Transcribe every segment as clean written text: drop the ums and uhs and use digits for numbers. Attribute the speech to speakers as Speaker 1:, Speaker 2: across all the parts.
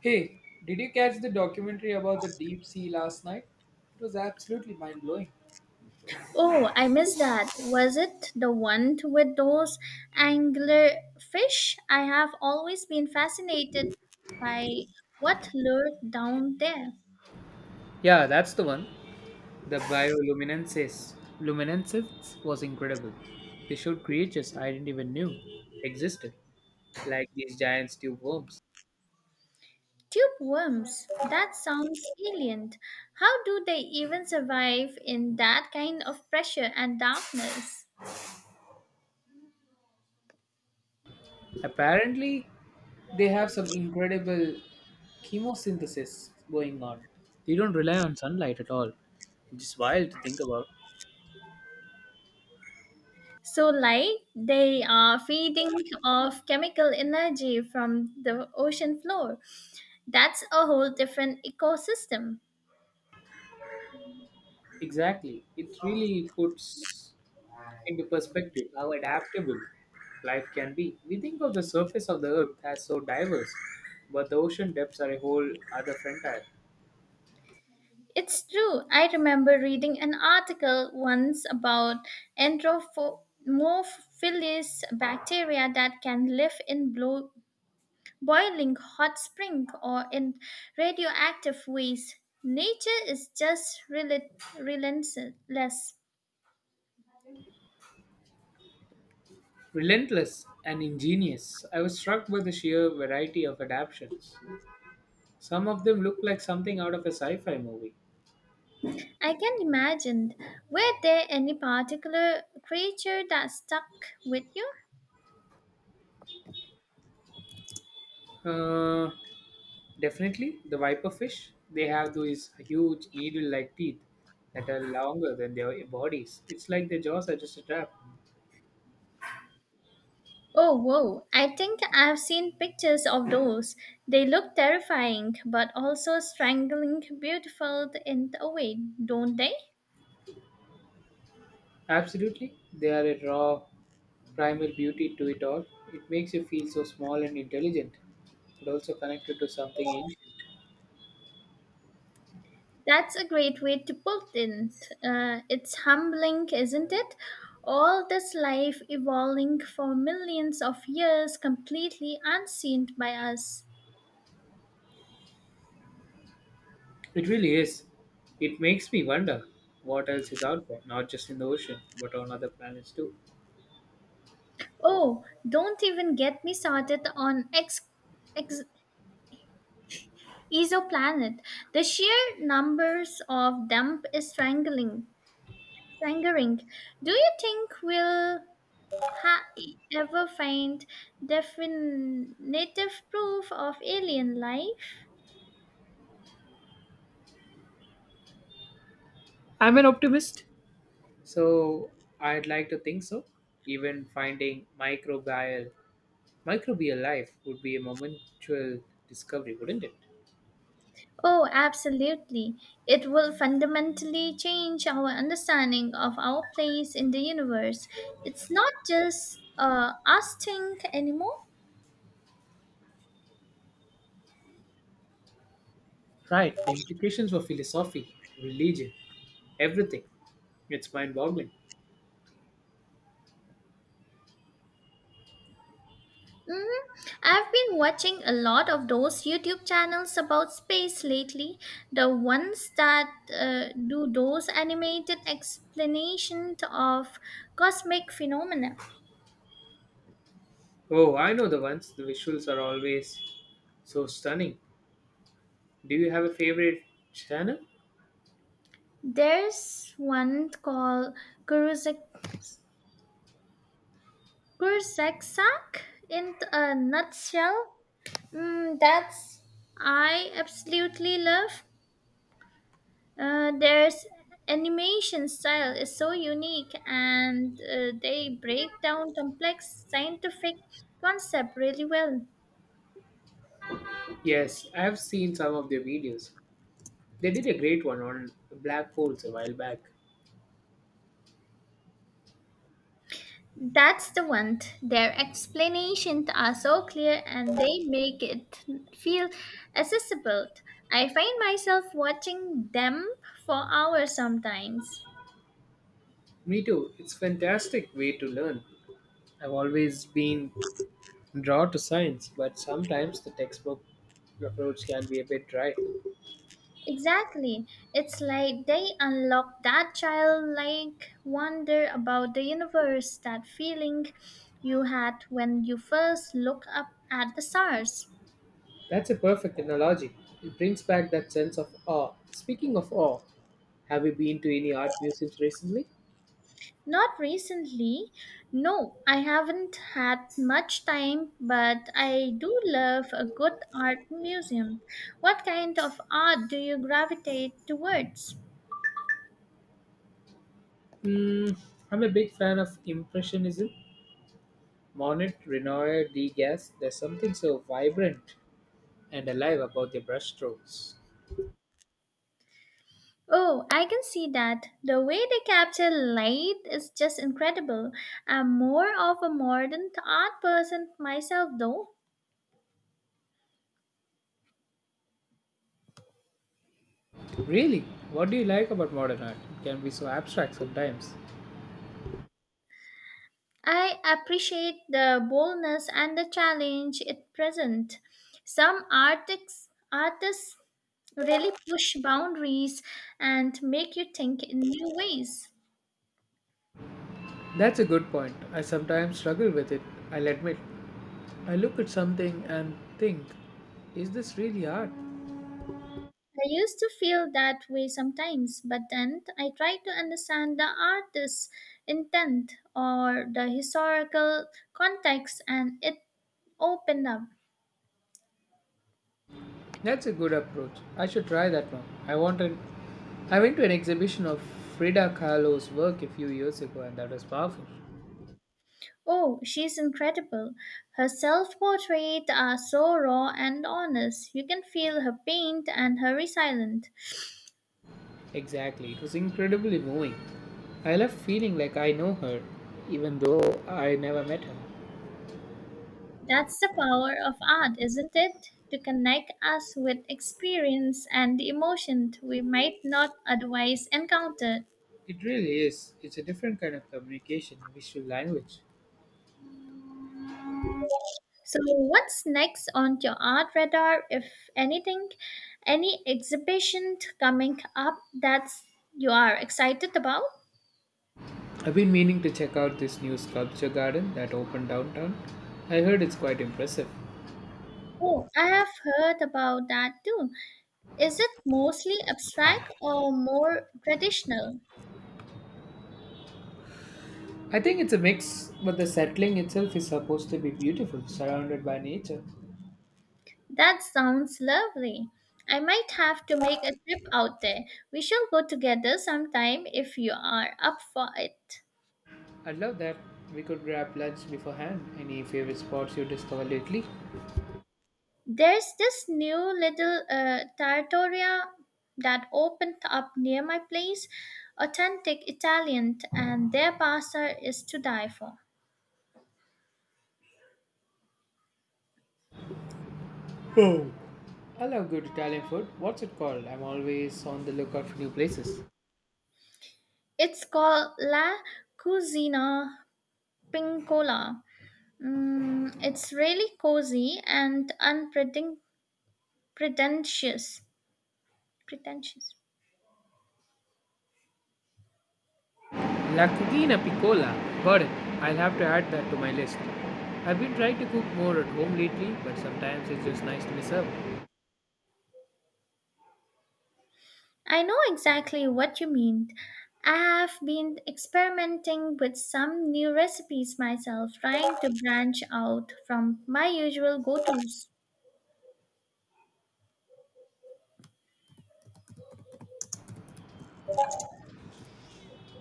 Speaker 1: Hey, did you catch the documentary about the deep sea last night? It was absolutely mind blowing.
Speaker 2: Oh, I missed that. Was it the one with those anglerfish? I have always been fascinated by what lurked down there.
Speaker 1: Yeah, that's the one. The bioluminescence luminescence was incredible. They showed creatures I didn't even knew existed, like these giant tube worms.
Speaker 2: Tube worms. That sounds alien. How do they even survive in that kind of pressure and darkness?
Speaker 1: Apparently, they have some incredible chemosynthesis going on. They don't rely on sunlight at all, which is wild to think about.
Speaker 2: So light, they are feeding off chemical energy from the ocean floor. That's a whole different ecosystem.
Speaker 1: Exactly. It really puts into perspective how adaptable life can be. We think of the surface of the earth as so diverse, but the ocean depths are a whole other frontier.
Speaker 2: It's true. I remember reading an article once about anthropophilus bacteria that can live in boiling hot spring or in radioactive waste. Nature is just relentless.
Speaker 1: Relentless and ingenious, I was struck by the sheer variety of adaptations. Some of them look like something out of a sci fi movie.
Speaker 2: I can imagine. Were there any particular creature that stuck with you?
Speaker 1: Uh, Definitely, the viper fish, they have these huge needle like teeth that are longer than their bodies. It's like their jaws are just a trap.
Speaker 2: Oh, whoa. I think I've seen pictures of those. They look terrifying, but also strangling beautiful in a way, don't they?
Speaker 1: Absolutely, they are a raw, primal beauty to it all. It makes you feel so small and intelligent, but also connected to something ancient.
Speaker 2: That's a great way to put it. It's humbling, isn't it? All this life evolving for millions of years, completely unseen by us.
Speaker 1: It really is. It makes me wonder what else is out there, not just in the ocean, but on other planets too.
Speaker 2: Oh, don't even get me started on ex, ex exoplanet. The sheer numbers of them is strangling. Lingering. Do you think we'll ha- ever find definitive proof of alien life?
Speaker 1: I'm an optimist, so I'd like to think so. Even finding microbial life would be a momentous discovery, wouldn't it?
Speaker 2: Oh, absolutely. It will fundamentally change our understanding of our place in the universe. It's not just us think anymore.
Speaker 1: Right. The implications for philosophy, religion, everything. It's mind boggling.
Speaker 2: Hmm, I've been watching a lot of those YouTube channels about space lately. The ones that do those animated explanations of cosmic phenomena.
Speaker 1: Oh, I know the ones. The visuals are always so stunning. Do you have a favorite channel?
Speaker 2: There's one called Kurzexak in a nutshell. That's I absolutely love. Their animation style is so unique and they break down complex scientific concept really well.
Speaker 1: Yes, I have seen some of their videos. They did a great one on black holes a while back.
Speaker 2: That's the one. Their explanations are so clear and they make it feel accessible. I find myself watching them for hours sometimes.
Speaker 1: Me too. It's a fantastic way to learn. I've always been drawn to science, but sometimes the textbook approach can be a bit dry.
Speaker 2: Exactly. It's like they unlock that childlike wonder about the universe, that feeling you had when you first looked up at the stars.
Speaker 1: That's a perfect analogy. It brings back that sense of awe. Speaking of awe, have you been to any art museums recently?
Speaker 2: Not recently. No, I haven't had much time, but I do love a good art museum. What kind of art do you gravitate towards?
Speaker 1: Mm, I'm a big fan of Impressionism. Monet, Renoir, Degas, there's something so vibrant and alive about their brushstrokes.
Speaker 2: Oh, I can see that. The way they capture light is just incredible. I'm more of a modern art person myself, though.
Speaker 1: Really, what do you like about modern art? It can be so abstract sometimes.
Speaker 2: I appreciate the boldness and the challenge it presents. Some artists really push boundaries and make you think in new ways.
Speaker 1: That's a good point. I sometimes struggle with it, I'll admit. I look at something and think, is this really art?
Speaker 2: I used to feel that way sometimes, but then I tried to understand the artist's intent or the historical context, and it opened up.
Speaker 1: That's a good approach. I should try that one. I wanted I went to an exhibition of Frida Kahlo's work a few years ago and that was powerful.
Speaker 2: Oh, she's incredible. Her self portraits are so raw and honest. You can feel her pain and her resilience.
Speaker 1: Exactly, it was incredibly moving. I left feeling like I know her, even though I never met her.
Speaker 2: That's the power of art, isn't it? To connect us with experience and emotion we might not otherwise encounter.
Speaker 1: It really is. It's a different kind of communication, a visual language.
Speaker 2: So, what's next on your art radar, if anything? Any exhibition coming up that you are excited about?
Speaker 1: I've been meaning to check out this new sculpture garden that opened downtown. I heard it's quite impressive.
Speaker 2: Oh, I have heard about that too. Is it mostly abstract or more traditional?
Speaker 1: I think it's a mix, but the settling itself is supposed to be beautiful, surrounded by nature.
Speaker 2: That sounds lovely. I might have to make a trip out there. We shall go together sometime if you are up for it.
Speaker 1: I'd love that. We could grab lunch beforehand. Any favorite spots you discovered lately?
Speaker 2: There's this new little trattoria that opened up near my place, authentic Italian, and their pasta is to die for.
Speaker 1: Oh. I love good Italian food. What's it called? I'm always on the lookout for new places.
Speaker 2: It's called La Cucina Pincola. It's really cozy and unpretentious. Pretentious.
Speaker 1: La Cucina Piccola. Got it. I'll have to add that to my list. I've been trying to cook more at home lately, but sometimes it's just nice to mess up.
Speaker 2: I know exactly what you mean. I have been experimenting with some new recipes myself, trying to branch out from my usual go tos.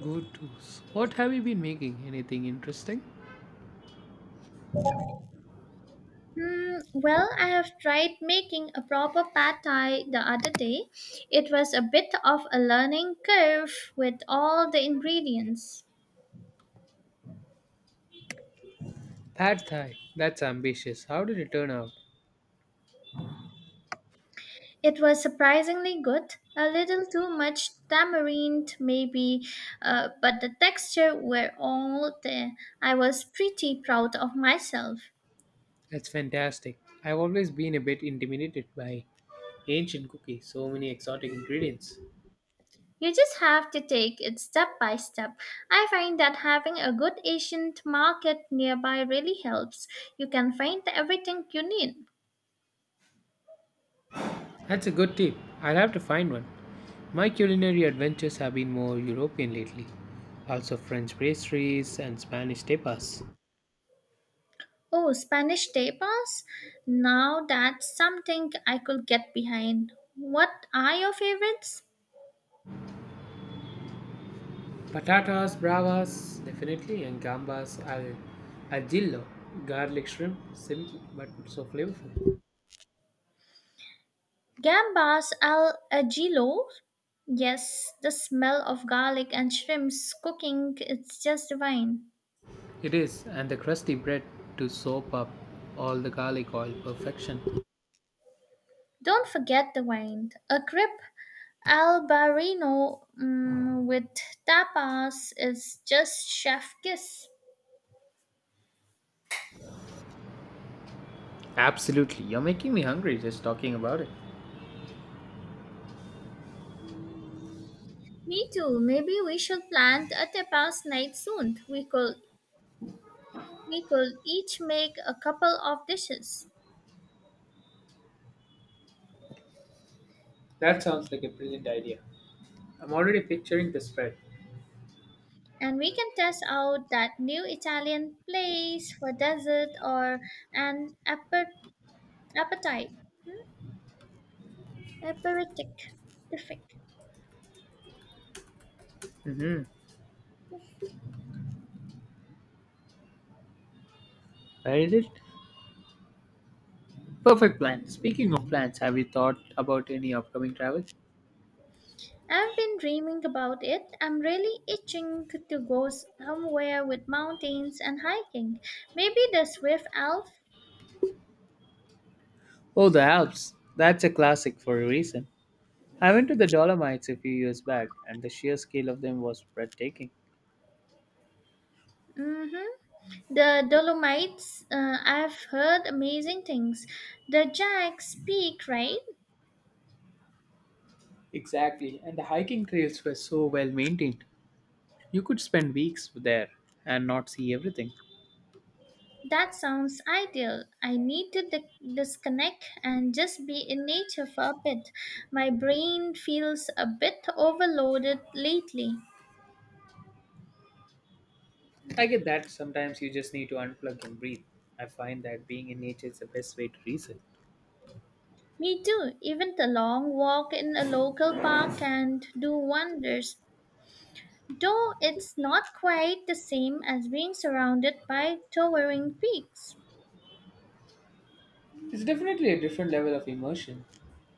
Speaker 1: Good tos. What have you been making? Anything interesting?
Speaker 2: Well, I have tried making a proper pad thai the other day. It was a bit of a learning curve with all the ingredients.
Speaker 1: Pad Thai. That's ambitious. How did it turn out?
Speaker 2: It was surprisingly good, a little too much tamarind maybe, but the texture were all there. I was pretty proud of myself.
Speaker 1: That's fantastic. I've always been a bit intimidated by ancient cookies, so many exotic ingredients.
Speaker 2: You just have to take it step by step. I find that having a good Asian market nearby really helps. You can find everything you need.
Speaker 1: That's a good tip. I'll have to find one. My culinary adventures have been more European lately. Also French pastries and Spanish tapas.
Speaker 2: Oh, Spanish tapas? Now that's something I could get behind. What are your favorites?
Speaker 1: Patatas bravas, definitely, and gambas al, al gillo. Garlic shrimp, simple but so flavorful.
Speaker 2: Gambas al ajillo. Yes, the smell of garlic and shrimps cooking it's just divine.
Speaker 1: It is, and the crusty bread to soak up all the garlic oil perfection.
Speaker 2: Don't forget the wine. A grip al barino with tapas is just chef kiss.
Speaker 1: Absolutely, you're making me hungry just talking about it.
Speaker 2: Me too. Maybe we should plan a tapas night soon. We could each make a couple of dishes.
Speaker 1: That sounds like a brilliant idea. I'm already picturing the spread.
Speaker 2: And we can test out that new Italian place for dessert or an appetite. Aperitif.
Speaker 1: Mm-hmm. Where is it? Perfect plan. Speaking of plans, have you thought about any upcoming travel?
Speaker 2: I've been dreaming about it. I'm really itching to go somewhere with mountains and hiking. Maybe the Swift Alps.
Speaker 1: Oh, the Alps. That's a classic for a reason. I went to the Dolomites a few years back, and the sheer scale of them was breathtaking.
Speaker 2: Mm-hmm. The Dolomites. I've heard amazing things. The Jack's Peak, right?
Speaker 1: Exactly, and the hiking trails were so well maintained. You could spend weeks there and not see everything.
Speaker 2: That sounds ideal. I need to disconnect and just be in nature for a bit. My brain feels a bit overloaded lately.
Speaker 1: I get that sometimes you just need to unplug and breathe. I find that being in nature is the best way to reset.
Speaker 2: Me too. Even the long walk in a local park can do wonders, though it's not quite the same as being surrounded by towering peaks.
Speaker 1: It's definitely a different level of immersion.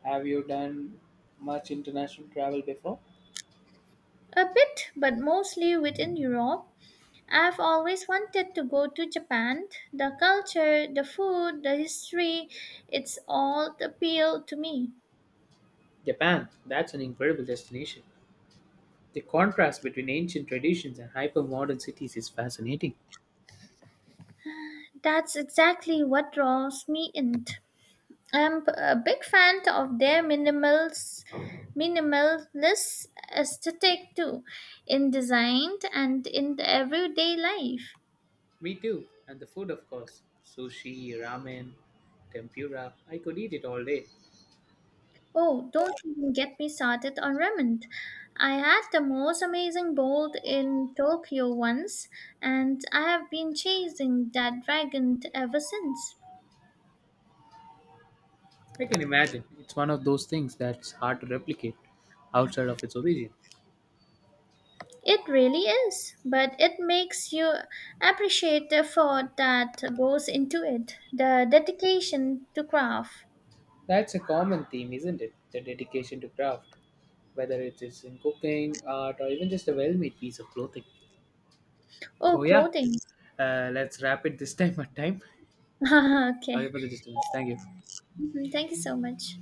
Speaker 1: Have you done much international travel before?
Speaker 2: A bit, but mostly within Europe. I've always wanted to go to Japan. The culture, the food, the history, it's all appeal to me.
Speaker 1: Japan, that's an incredible destination. The contrast between ancient traditions and hyper modern cities is fascinating.
Speaker 2: That's exactly what draws me in. I'm a big fan of their minimalist aesthetic too, in design and in the everyday life.
Speaker 1: Me too, and the food, of course sushi, ramen, tempura. I could eat it all day.
Speaker 2: Oh, don't even get me started on ramen. I had the most amazing bowl in Tokyo once, and I have been chasing that dragon ever since.
Speaker 1: I can imagine. It's one of those things that's hard to replicate outside of its origin.
Speaker 2: It really is, but it makes you appreciate the effort that goes into it, the dedication to craft.
Speaker 1: That's a common theme, isn't it? The dedication to craft, whether it is in cooking, art, or even just a well made piece of clothing. So,
Speaker 2: Oh,
Speaker 1: yeah,
Speaker 2: clothing.
Speaker 1: let's wrap it this time at time.
Speaker 2: Okay.
Speaker 1: Sorry for the disturbance. Thank you.
Speaker 2: Mhm. Thank you so much.